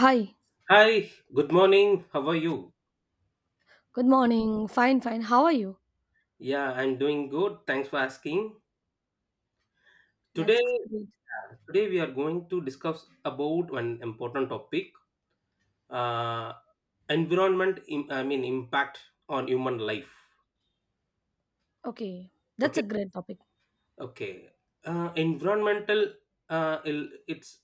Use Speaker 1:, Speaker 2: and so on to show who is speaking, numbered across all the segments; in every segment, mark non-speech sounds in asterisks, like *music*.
Speaker 1: Hi,
Speaker 2: Hi, good morning. How are you?
Speaker 1: good morning. Fine, fine. How are you?
Speaker 2: Yeah, I'm doing good. Thanks for asking.
Speaker 1: That's
Speaker 2: Today,
Speaker 1: great.
Speaker 2: yeah, today we are going to discuss about an important topic: uh, environment. Impact on human life.
Speaker 1: Okay, that's
Speaker 2: Okay,
Speaker 1: a great topic.
Speaker 2: okay. Environmental. Its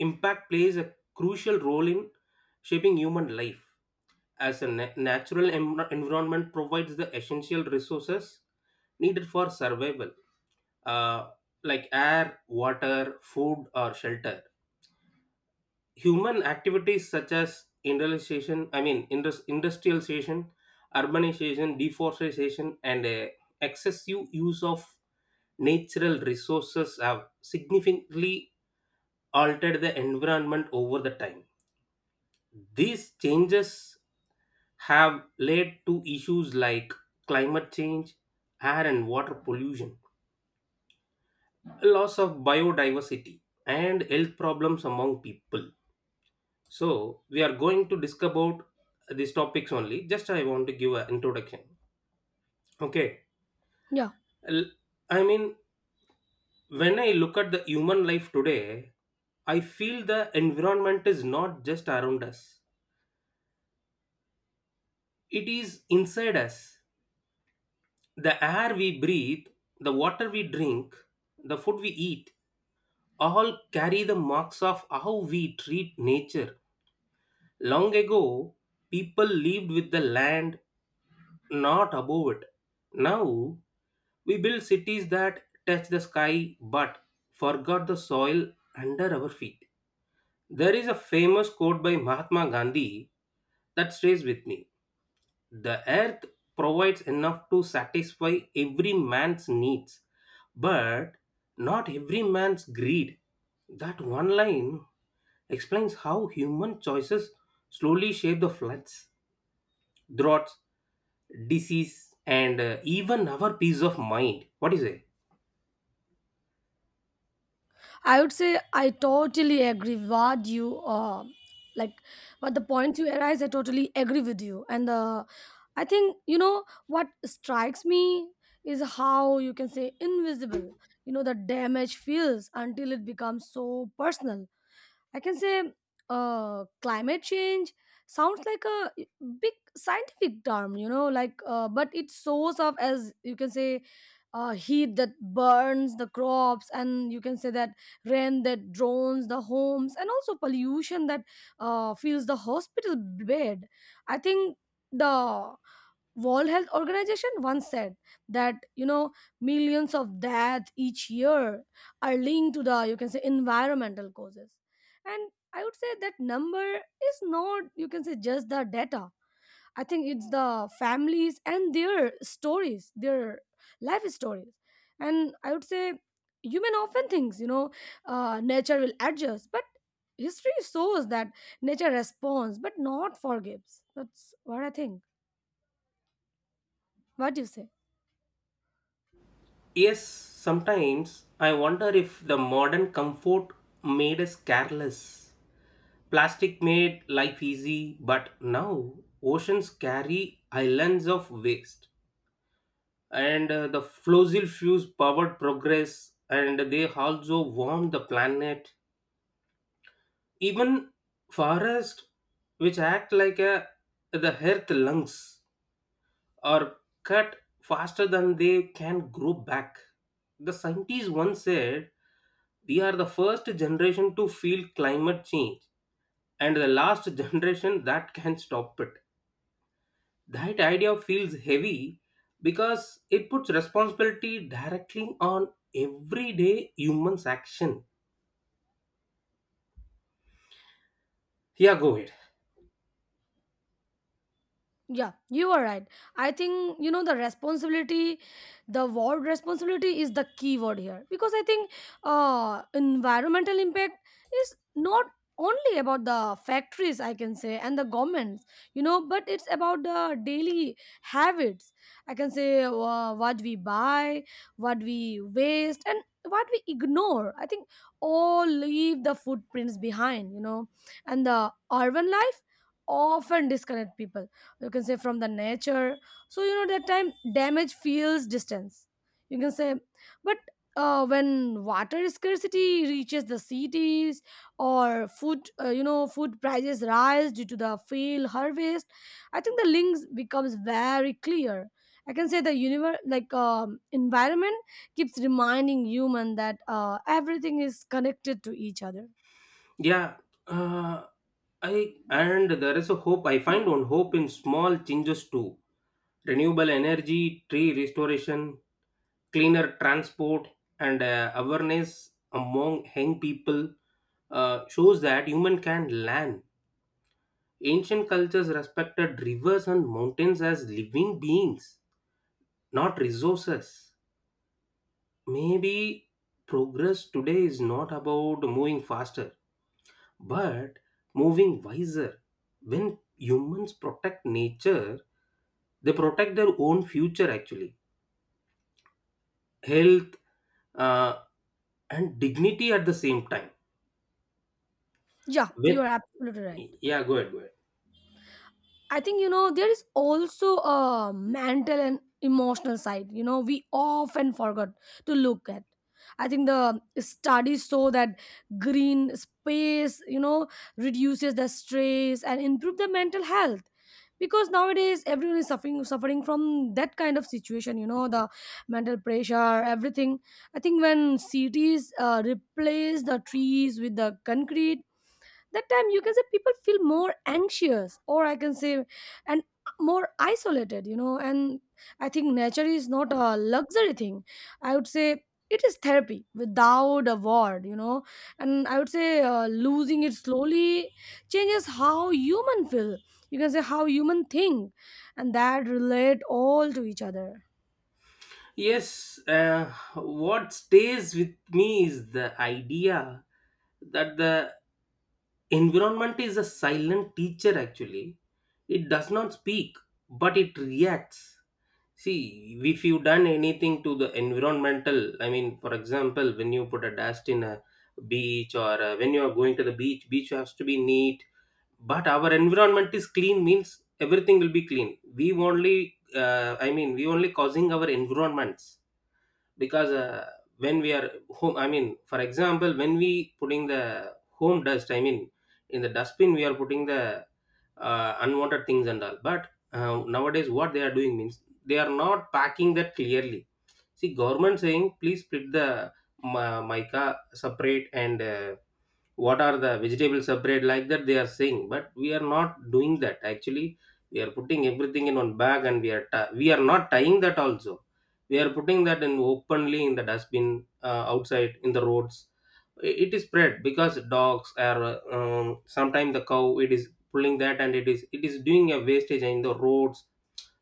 Speaker 2: impact plays a crucial role in shaping human life. As a natural environment provides the essential resources needed for survival uh, like air, water, food, or shelter. Human activities such as industrialization, I mean, indus- industrialization, urbanization, deforestation, and excessive use of natural resources have significantly altered the environment over the time. These changes have led to issues like climate change, air and water pollution, loss of biodiversity, and health problems among people. So we are going to discuss about these topics only. Just I want to give an introduction. Okay.
Speaker 1: Yeah,
Speaker 2: L- I mean, when I look at the human life today, I feel the environment is not just around us. It is inside us. The air we breathe, the water we drink, the food we eat, all carry the marks of how we treat nature. Long ago, people lived with the land, not above it. Now we built cities that touch the sky but forgot the soil under our feet. There is a famous quote by Mahatma Gandhi that stays with me: the earth provides enough to satisfy every man's needs, but not every man's greed. That one line explains how human choices slowly shape the floods, droughts, disease, and even our peace of mind. What do you say?
Speaker 1: I would say I totally agree what you like what the points you arise. I totally agree with you, and the I think you know what strikes me is how you can say invisible. You know the damage feels until it becomes so personal I can say climate change sounds like a big scientific term, you know, but it shows up as you can say heat that burns the crops, and you can say that rain that drones the homes, and also pollution that fills the hospital bed. I think the World Health Organization once said that you know millions of deaths each year are linked to the you can say environmental causes, and I would say that number is not you can say just the data. I think it's the families and their stories, their life stories, and I would say human often thinks nature will adjust, but history shows that nature responds but not forgives. That's what I think. What do you say?
Speaker 2: Yes, sometimes I wonder if the modern comfort made us careless. Plastic made life easy, but now oceans carry islands of waste. And the fossil fuels powered progress, and they also warm the planet. Even forests, which act like a, the earth lungs, are cut faster than they can grow back. The scientist once said: we are the first generation to feel climate change and the last *laughs* generation that can stop it. That idea feels heavy because it puts responsibility directly on everyday humans' action. Yeah, go ahead.
Speaker 1: Yeah, you are right. I think you know the responsibility, the word responsibility is the key word here because I think environmental impact is not only about the factories I can say and the governments, you know, but it's about the daily habits. I can say what we buy, what we waste, and what we ignore. I think all leave the footprints behind, you know, and the urban life often disconnect people you can say from the nature, so you know that time damage feels distance you can say, but when water scarcity reaches the cities or food food prices rise due to the failed harvest. I think the links becomes very clear. I can say the universe like environment keeps reminding human that everything is connected to each other.
Speaker 2: Yeah, uh, I and there is a hope. I find one hope in small changes too. Renewable energy, tree restoration, cleaner transport and awareness among young people shows that human can learn. Ancient cultures respected rivers and mountains as living beings, not resources. Maybe progress today is not about moving faster, but moving wiser. When humans protect nature, they protect their own future actually, health, uh, and dignity at the same time.
Speaker 1: Yeah, you are absolutely right.
Speaker 2: Yeah, go ahead, go ahead.
Speaker 1: I think you know there is also a mental and emotional side. You know we often forgot to look at. I think the studies show that green space, you know, reduces the stress and improve the mental health. Because nowadays everyone is suffering from that kind of situation, you know, the mental pressure, everything. I think when cities replace the trees with the concrete, that time you can say people feel more anxious or I can say, and more isolated, you know. And I think nature is not a luxury thing. I would say it is therapy without a word, you know. And I would say losing it slowly changes how human feel, you can say how human think, and that relate all to each other.
Speaker 2: Yes, what stays with me is the idea that the environment is a silent teacher actually. It does not speak, but it reacts. See, if you done anything to the environmental, I mean, for example, when you put a dust in a beach or when you are going to the beach, beach has to be neat, but our environment is clean means everything will be clean. We only, I mean, we only causing our environments, because when we are home, I mean, for example, when we putting the home dust, I mean in the dustbin, we are putting the unwanted things and all. But nowadays what they are doing means they are not packing that clearly. See, government saying please split the mica separate and what are the vegetables separate, like that they are saying, but we are not doing that actually. We are putting everything in one bag and we are not tying that also. We are putting that in openly in the dustbin, outside in the roads. It is spread because dogs are, sometimes the cow, it is pulling that and it is doing a wastage in the roads.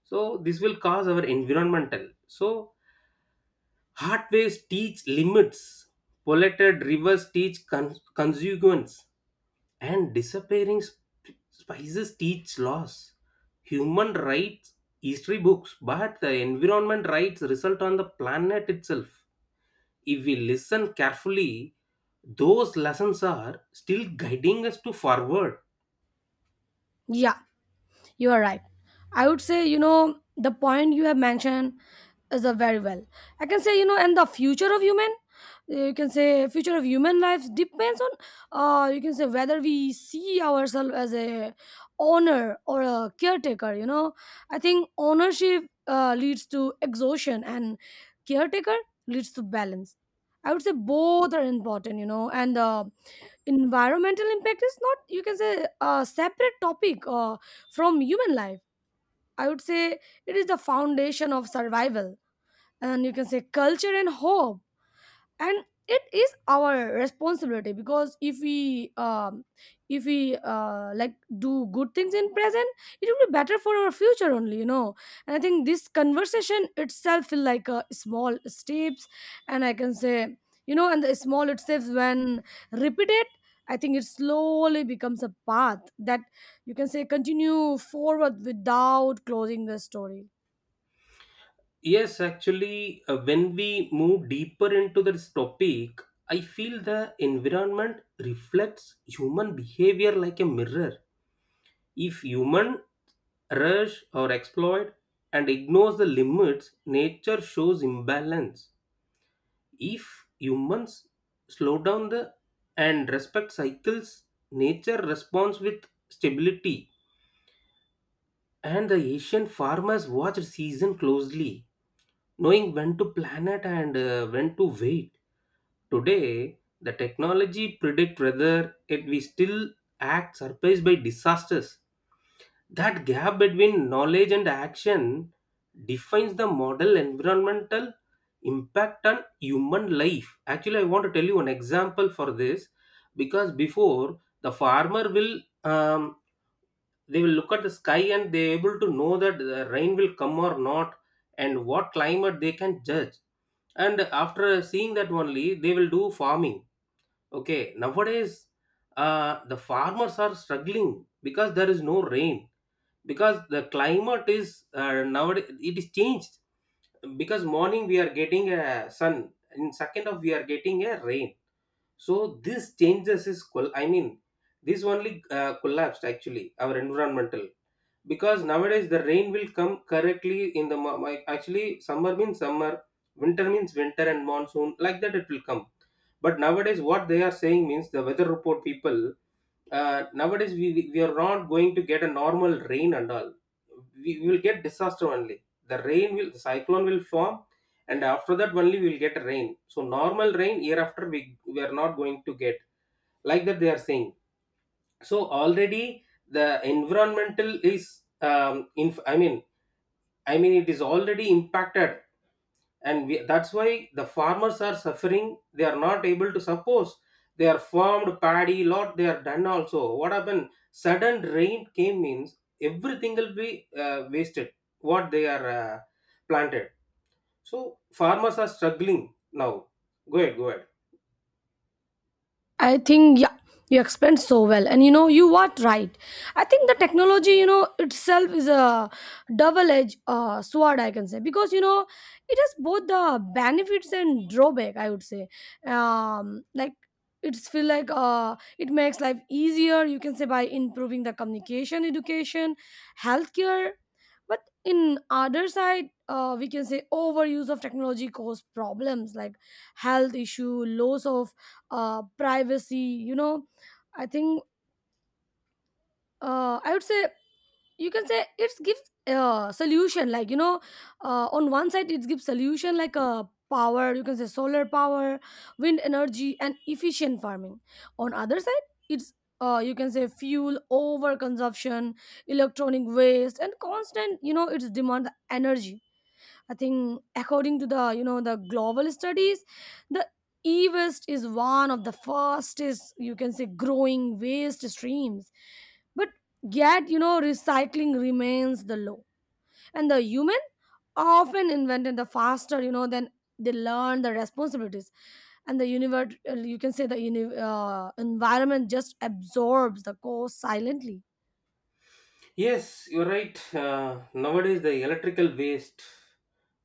Speaker 2: So this will cause our environmental. So hard ways teach limits, polluted rivers teach consequence, and disappearing spices teach laws. Human rights history books, but the environment rights result on the planet itself. If we listen carefully, those lessons are still guiding us to forward.
Speaker 1: Yeah. You are right. I would say, you know, the point you have mentioned is a very well. I can say, you know, and the future of human, you can say, future of human life depends on, you can say, whether we see ourselves as a owner or a caretaker. You know, I think ownership leads to exhaustion and caretaker leads to balance. I would say both are important, you know, and environmental impact is not you can say a separate topic from human life. I would say it is the foundation of survival, and you can say culture and hope, and it is our responsibility. Because if we like do good things in present, it will be better for our future only, you know. And I think this conversation itself feel like a small steps, and I can say, you know, and the small steps when repeated, I think it slowly becomes a path that you can say continue forward without closing the story.
Speaker 2: Yes, actually, when we move deeper into this topic, I feel the environment reflects human behavior like a mirror. If human rush or exploit and ignores the limits, nature shows imbalance. If humans slow down the and respect cycles, nature responds with stability. And the Asian farmers watch season closely, knowing when to plant and when to wait. Today, the technology predict whether it we still act surprised by disasters. That gap between knowledge and action defines the model environmental impact on human life. Actually, I want to tell you an example for this, because before the farmer will, um, they will look at the sky and they able to know that the rain will come or not and what climate they can judge. And after seeing that only, they will do farming. Okay, nowadays the farmers are struggling because there is no rain, because the climate is, nowadays it is changed, because morning we are getting a sun, in second of we are getting a rain. So this changes is this only collapsed actually our environmental. Because nowadays the rain will come correctly in the actually summer means summer, winter means winter and monsoon, like that it will come. But nowadays what they are saying means the weather report people, nowadays we are not going to get a normal rain and all. We will get disaster only. The rain will, the cyclone will form and after that only we will get rain. So normal rain year after we are not going to get, like that they are saying. So already the environmental is, I mean it is already impacted. And we, that's why the farmers are suffering. They are not able to suppose they are farmed paddy lot, they are done also. What happened, sudden rain came means everything will be wasted, what they are planted. So farmers are struggling now. Go ahead, go ahead.
Speaker 1: I think yeah, you explained so well, and you know you are right. I think the technology, you know, itself is a double-edged sword. I can say because you know it has both the benefits and drawback. I would say, like it's feel like it makes life easier. You can say by improving the communication, education, healthcare. But in other side, we can say overuse of technology cause problems like health issue, loss of privacy, you know. I think I would say you can say it gives solution like you know on one side it gives solution like power, you can say solar power, wind energy, and efficient farming. On other side it's you can say fuel over consumption, electronic waste, and constant you know it's demand energy. I think according to the you know the global studies, the e-waste is one of the fastest you can say growing waste streams. But yet you know recycling remains the low, and the human often invented the faster you know than they learn the responsibilities, and the universe you can say the environment just absorbs the cost silently.
Speaker 2: Yes, you're right. Nowadays, the electrical waste.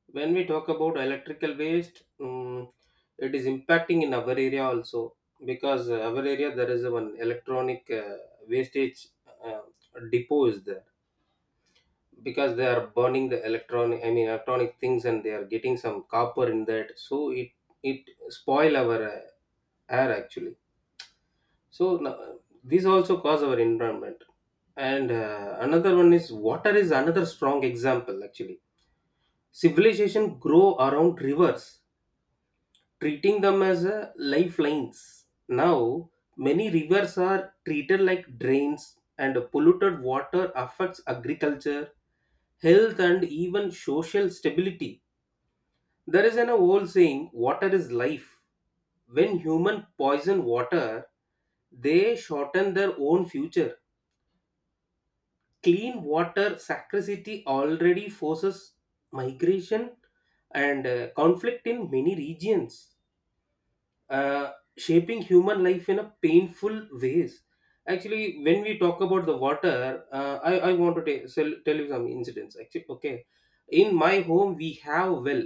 Speaker 2: When we talk about electrical waste, mm, it is impacting in our area also, because our area there is one electronic wastage uh, depot is there, because they are burning the electronic. I mean, electronic things and they are getting some copper in that, so it spoil our air actually. So no-, these also cause our environment. And another one is, water is another strong example actually. Civilization grow around rivers, treating them as lifelines. Now many rivers are treated like drains, and polluted water affects agriculture, health, and even social stability. There is an old saying: "Water is life." When human poison water, they shorten their own future. Clean water scarcity already forces migration and conflict in many regions, shaping human life in a painful ways. Actually, when we talk about the water, I want to tell you some incidents. Actually, okay, in my home we have well.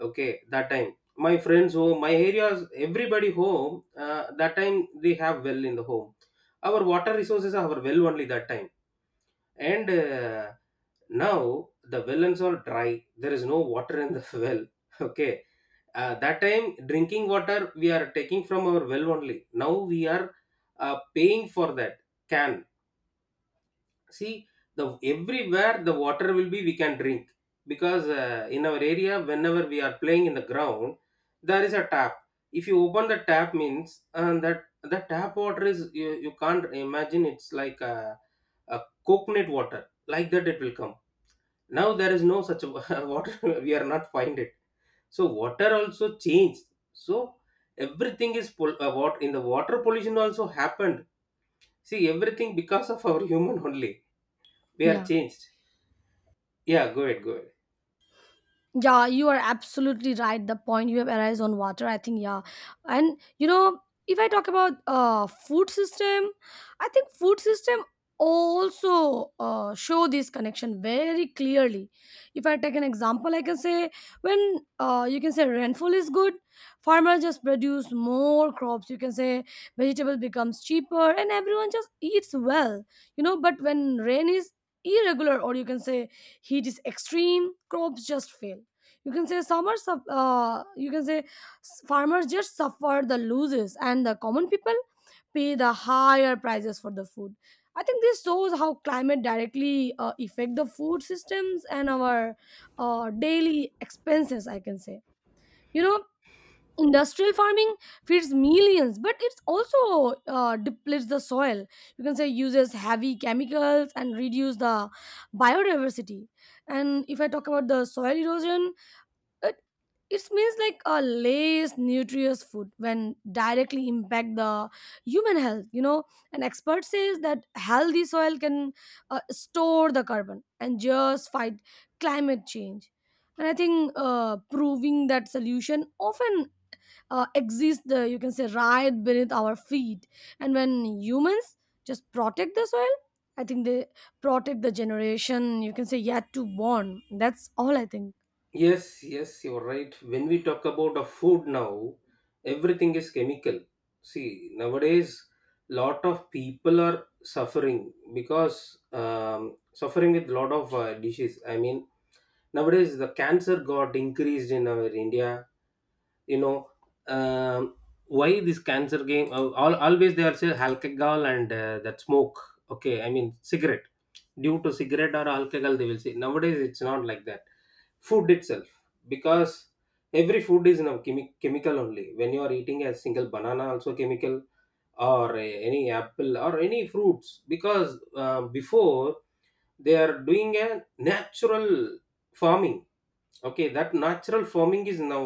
Speaker 2: Okay, that time my friends home, my areas, everybody home. That time they have well in the home. Our water resources are our well only that time. And now the well wellens all dry. There is no water in the *laughs* well. Okay. That time drinking water we are taking from our well only. Now we are paying for that, can see. The everywhere the water will be we can drink, because in our area whenever we are playing in the ground, there is a tap. If you open the tap means, and that the tap water is, you can't imagine, it's like a coconut water, like that it will come. Now there is no such a *laughs* water, we are not find it. So water also changed. So everything is pol-, what, in the water pollution also happened. See everything because of our *laughs* human only, we are
Speaker 1: Yeah.
Speaker 2: changed. Yeah, go ahead, go ahead.
Speaker 1: Yeah, you are absolutely right. The point you have arise on water, I think, yeah. And you know, if I talk about food system, I think food system also show this connection very clearly. If I take an example, I can say when you can say rainfall is good, farmers just produce more crops. You can say vegetable becomes cheaper, and everyone just eats well. You know, but when rain is irregular or you can say heat is extreme, crops just fail. You can say you can say farmers just suffer the losses and the common people pay the higher prices for the food. I think this shows how climate directly affect the food systems and our daily expenses I can say, you know. Industrial farming feeds millions, but it also depletes the soil, you can say uses heavy chemicals and reduce the biodiversity. And if I talk about the soil erosion, it, it means like a less nutritious food when directly impact the human health, you know. An expert says that healthy soil can store the carbon and just fight climate change. And I think proving that solution often exists, you can say right beneath our feet. And when humans just protect the soil, I think they protect the generation you can say yet to born. That's all I think.
Speaker 2: Yes, yes, you're right. When we talk about a food now, everything is chemical. See nowadays lot of people are suffering because, suffering with lot of disease. I mean nowadays the cancer got increased in our India, you know. um, why this cancer game, al always they are say alcohol and that smoke, okay, I mean cigarette. Due to cigarette or alcohol they will say. Nowadays it's not like that, food itself. Because every food is now chemical only. When you are eating a single banana also chemical, or any apple or any fruits. Because before they are doing a natural farming. Okay, that natural farming is now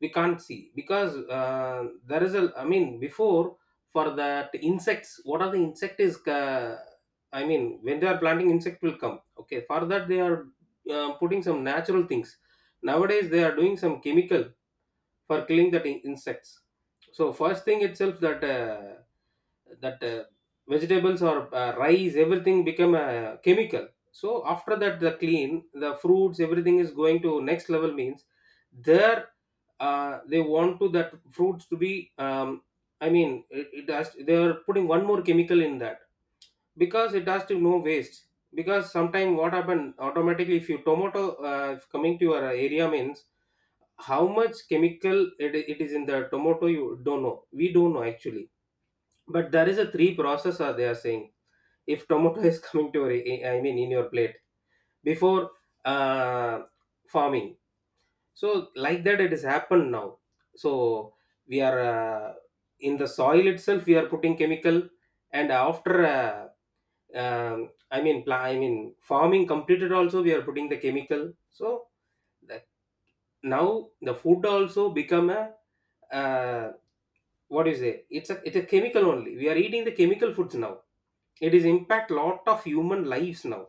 Speaker 2: we can't see, because there is a, I mean before, for that insects, what are the insect is, I mean when they are planting insect will come. Okay, for that they are putting some natural things. Nowadays they are doing some chemical for killing that insects. So first thing itself, that that uh, vegetables or rice, everything become a chemical. So after that, the clean, the fruits, everything is going to next level means there, they want to that fruits to be, I mean, it has, they are putting one more chemical in that because it has to no waste. Because sometime what happen automatically, if you tomato, if coming to your area means how much chemical it is in the tomato, you don't know, we don't know actually. But there is a three process are they are saying, if tomato *laughs* is coming to your I mean in your plate before, uh, farming. So like that it has happened now. So we are, in the soil itself we are putting chemical, and after I mean, I mean farming completed also, we are putting the chemical. So that now the food also become a, uh, what do you say, it's a chemical only, we are eating the chemical foods now. It is impact lot of human lives now.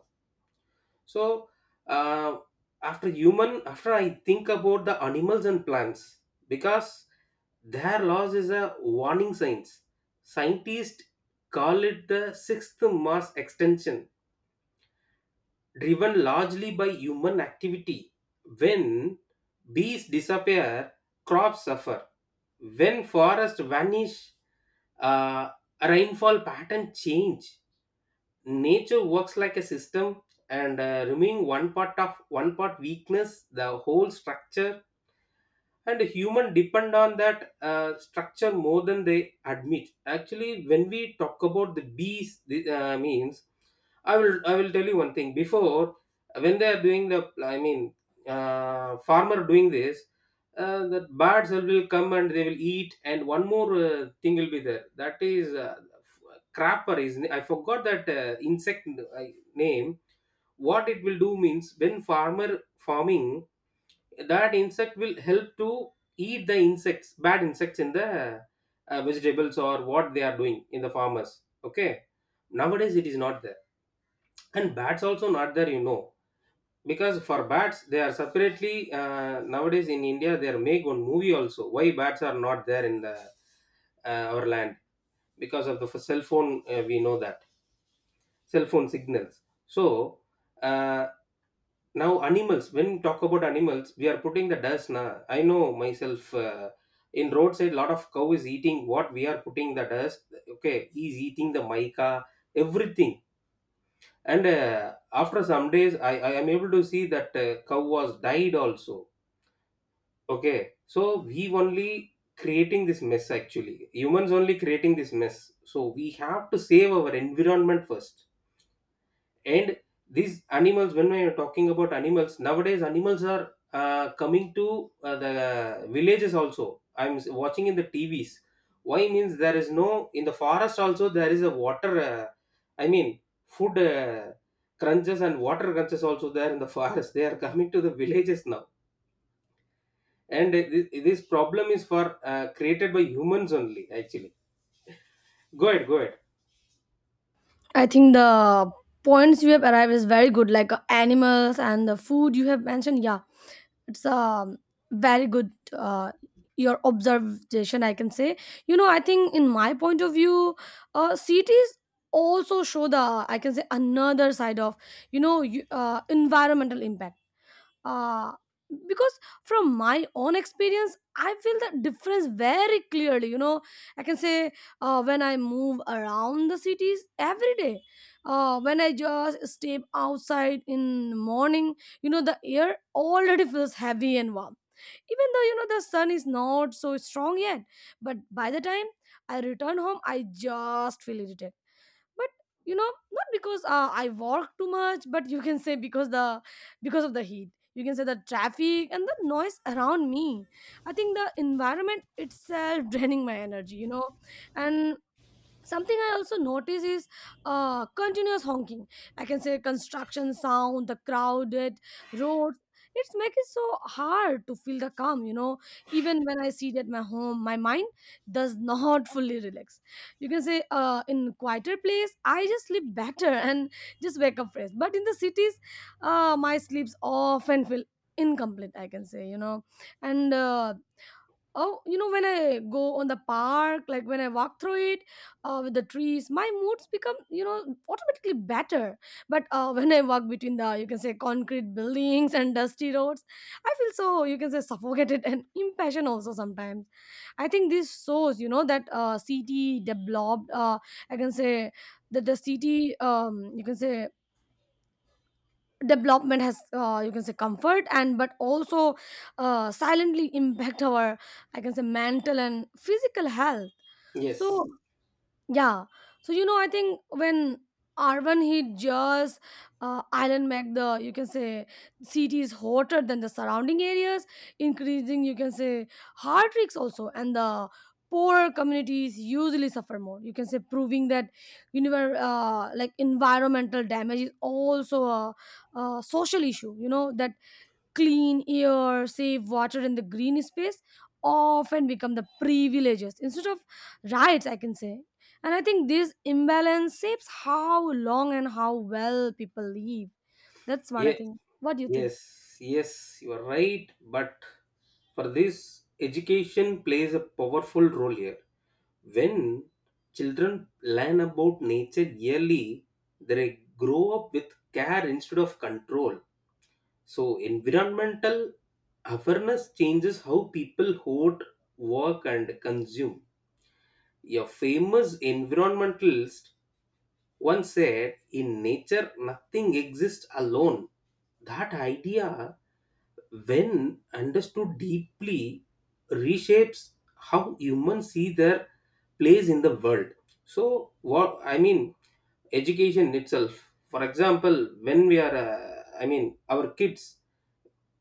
Speaker 2: So uh, after human, after I think about the animals and plants, because their loss is a warning signs. Scientists call it the sixth mass extinction, driven largely by human activity. When bees disappear, crops suffer. When forests vanish, uh, rainfall pattern change. Nature works like a system, and removing one part of one part weakness the whole structure. And human depend on that structure more than they admit. Actually, when we talk about the bees, means, I will I will tell you one thing. Before, when they are doing the, I mean, farmer doing this, the birds will come and they will eat, and one more thing will be there, that is, crapper is, I forgot that insect uh, name. What it will do means, when farmer farming, that insect will help to eat the insects, bad insects in the vegetables, or what they are doing in the farmers. Okay, nowadays it is not there. And bats also not there, you know. Because for bats, they are separately, nowadays in India they are make one movie also, why bats are not there in the our land, because of the cell phone. We know that cell phone signals. So uh, now animals, when we talk about animals, we are putting the dust na, I know myself. In roadside lot of cow is eating, what we are putting the dust. Okay, he's eating the mica, everything. And after some days I am able to see that cow was died also. Okay, so we only creating this mess, actually humans only creating this mess. So we have to save our environment first. And these animals, when we are talking about animals, nowadays animals are coming to the villages also, I'm watching in the TVs. Why means, there is no in the forest also, there is a water, I mean food crunches and water crunches also there in the *laughs* forest, they are coming to the villages now. And this problem is for created by humans only actually. Go ahead, go ahead.
Speaker 1: I think the points you have arrived is very good, like animals and the food you have mentioned. Yeah, it's very good. Your observation, I can say. You know, I think in my point of view, cities also show the I can say another side of you know environmental impact, uh, because from my own experience I feel the difference very clearly, you know. I can say when I move around the cities every day, when I just step outside in the morning, you know the air already feels heavy and warm, even though you know the sun is not so strong yet. But by the time I return home I just feel irritated, but you know not because I walk too much, but you can say because the because of the heat, you can say the traffic and the noise around me. I think the environment itself *laughs* draining my energy, you know. And something I also notice is continuous honking, I can say construction sound, the crowded roads. It's make it so hard to feel the calm, you know. Even when I sit at my home my mind does *laughs* not fully relax. You can say in quieter place I just sleep better *laughs* and just wake up fresh, but in the cities my sleeps often feel incomplete I can say, you know. And Oh, you know, when I go on the park, like when I walk through it with the trees, my moods become, you know, automatically better. But *laughs* when I walk between the, you can say, concrete buildings and dusty roads, I feel so, you can say, suffocated *laughs* and impatient also sometimes. I think this shows, you know, that city developed, I can say, that the city, you can say, development has you can say comfort and but also silently impact our I can say mental and physical health,
Speaker 2: Yes.
Speaker 1: so yeah. So you know, I think when Arvan hit Jaws, island make the you can say cities hotter than the surrounding areas, increasing you can say heart risks also, and the poorer communities usually suffer more. You can say proving that like environmental damage is also a social issue. You know that clean air, safe water, and the green space often become the privileges instead of rights, I can say. And I think this imbalance shapes how long and how well people live. That's what I think. What do you think?
Speaker 2: Yes, yes, you are right. But for this, education plays a powerful role here. When children learn about nature yearly, they grow up with care instead of control. So, environmental awareness changes how people hoard, work, and consume. A famous environmentalist once said, in nature, nothing exists alone. That idea, when understood deeply, reshapes how humans see their place in the world. So, what I mean, education itself. For example, when we are, I mean, our kids.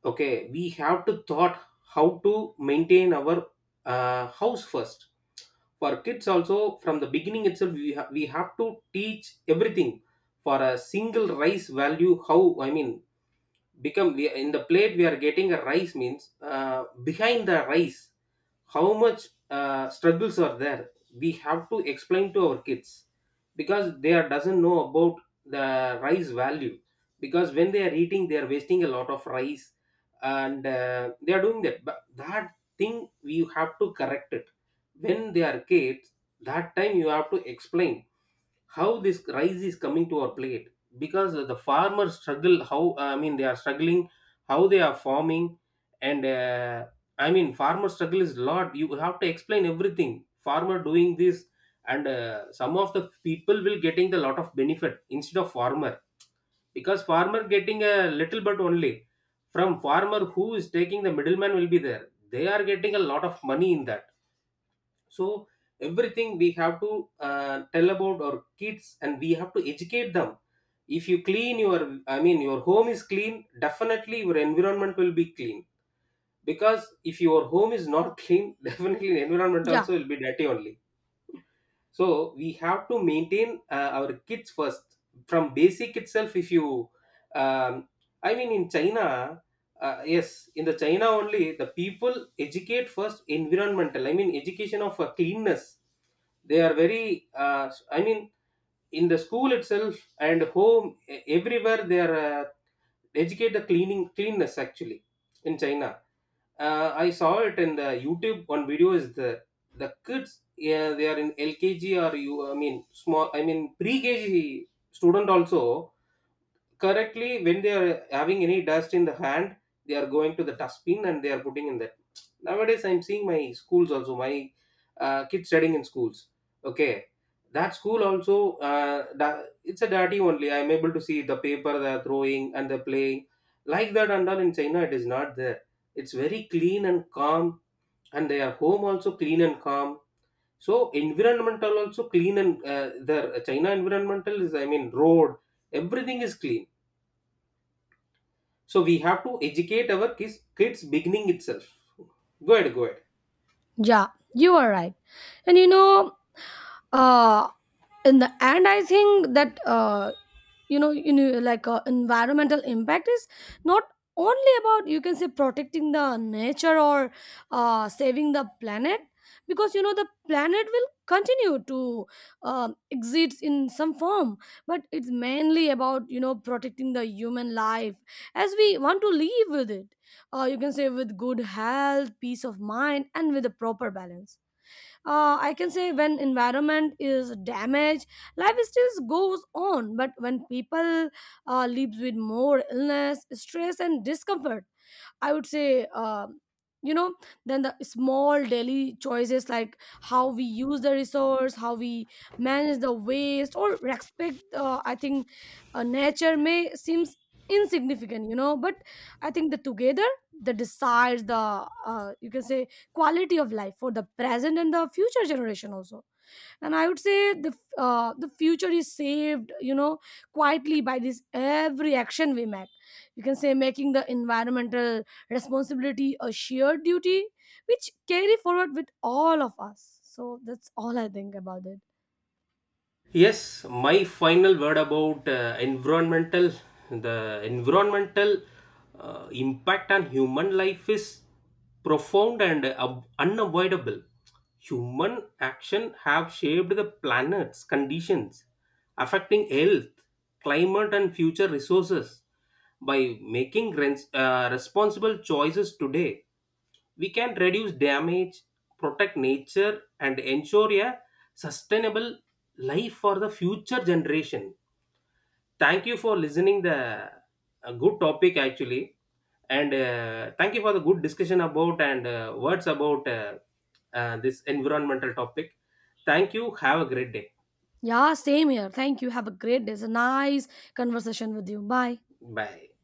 Speaker 2: Okay, we have to thought how to maintain our house first. For kids also, from the beginning itself, we have to teach everything for a single rice value. How I mean, become we in the plate we are getting a rice means behind the rice how much struggles are there, we have to explain to our kids, because they are doesn't know about the rice value, because when they are eating they are wasting a lot of rice. And they are doing that, but that thing we have to correct it when they are kids. That time you have to explain how this rice is coming to our plate, because the farmers struggle, how I mean, they are struggling, how they are farming. And I mean, farmer struggle is lot, you have to explain everything farmer doing this. And some of the people will getting the lot of benefit instead of farmer, because farmer getting a little bit only. From farmer who is taking, the middleman will be there, they are getting a lot of money in that. So everything we have to tell about our kids and we have to educate them. If you clean your, I mean your home is clean, definitely your environment will be clean. Because if your home is not clean, *laughs* definitely environment
Speaker 1: Yeah.
Speaker 2: also will be dirty only. So we have to maintain our kids first from basic itself. If you um, I mean in China, yes, in the China only, the people educate first environmental, I mean education of cleanness. They are very I mean, in the school itself and home, everywhere they are educate the cleaning, cleanness actually. In China, I saw it in the YouTube, one video is the kids, yeah, they are in LKG, or you I mean small, I mean pre-KG student also, correctly when they are having any dust in the hand, they are going to the dustbin and they are putting in that. Nowadays I'm seeing my schools also, my kids studying in schools. Okay, that school also it's a dirty only, I'm able to see the paper they are throwing and they're playing like that and all. In China it is not there, it's very clean and calm, and their home also clean and calm. So environmental also clean, and the China environmental is, I mean road, everything is clean. So we have to educate our kids beginning itself. Go ahead, go ahead.
Speaker 1: Yeah, you are right. And you know, uh, in the end, I think that you know, like environmental impact is not only about you can say protecting the nature or saving the planet, because you know the planet will continue to exist in some form, but it's mainly about you know protecting the human life as we want to live with it, you can say with good health, peace of mind, and with a proper balance. I can say when environment is damaged life still goes on, but when people lives with more illness, stress, and discomfort, I would say, you know, then the small daily choices like how we use the resource, how we manage the waste, or respect. I think nature may seems insignificant, you know, but I think the together that decides the you can say quality of life for the present and the future generation also. And I would say the the future is saved, you know, quietly by this every action we make, you can say making the environmental responsibility a shared duty which carry forward with all of us. So that's all I think about it.
Speaker 2: Yes, my final word about environmental, the environmental impact on human life is profound and unavoidable. Human action have shaped the planet's conditions, affecting health, climate, and future resources. By making responsible choices today, we can reduce damage, protect nature, and ensure a sustainable life for the future generation. Thank you for listening. The, a good topic actually, and thank you for the good discussion about, and words about this environmental topic. Thank you. Have a great day.
Speaker 1: Yeah, same here, thank you, have a great day. It's a nice conversation with you. Bye.
Speaker 2: Bye.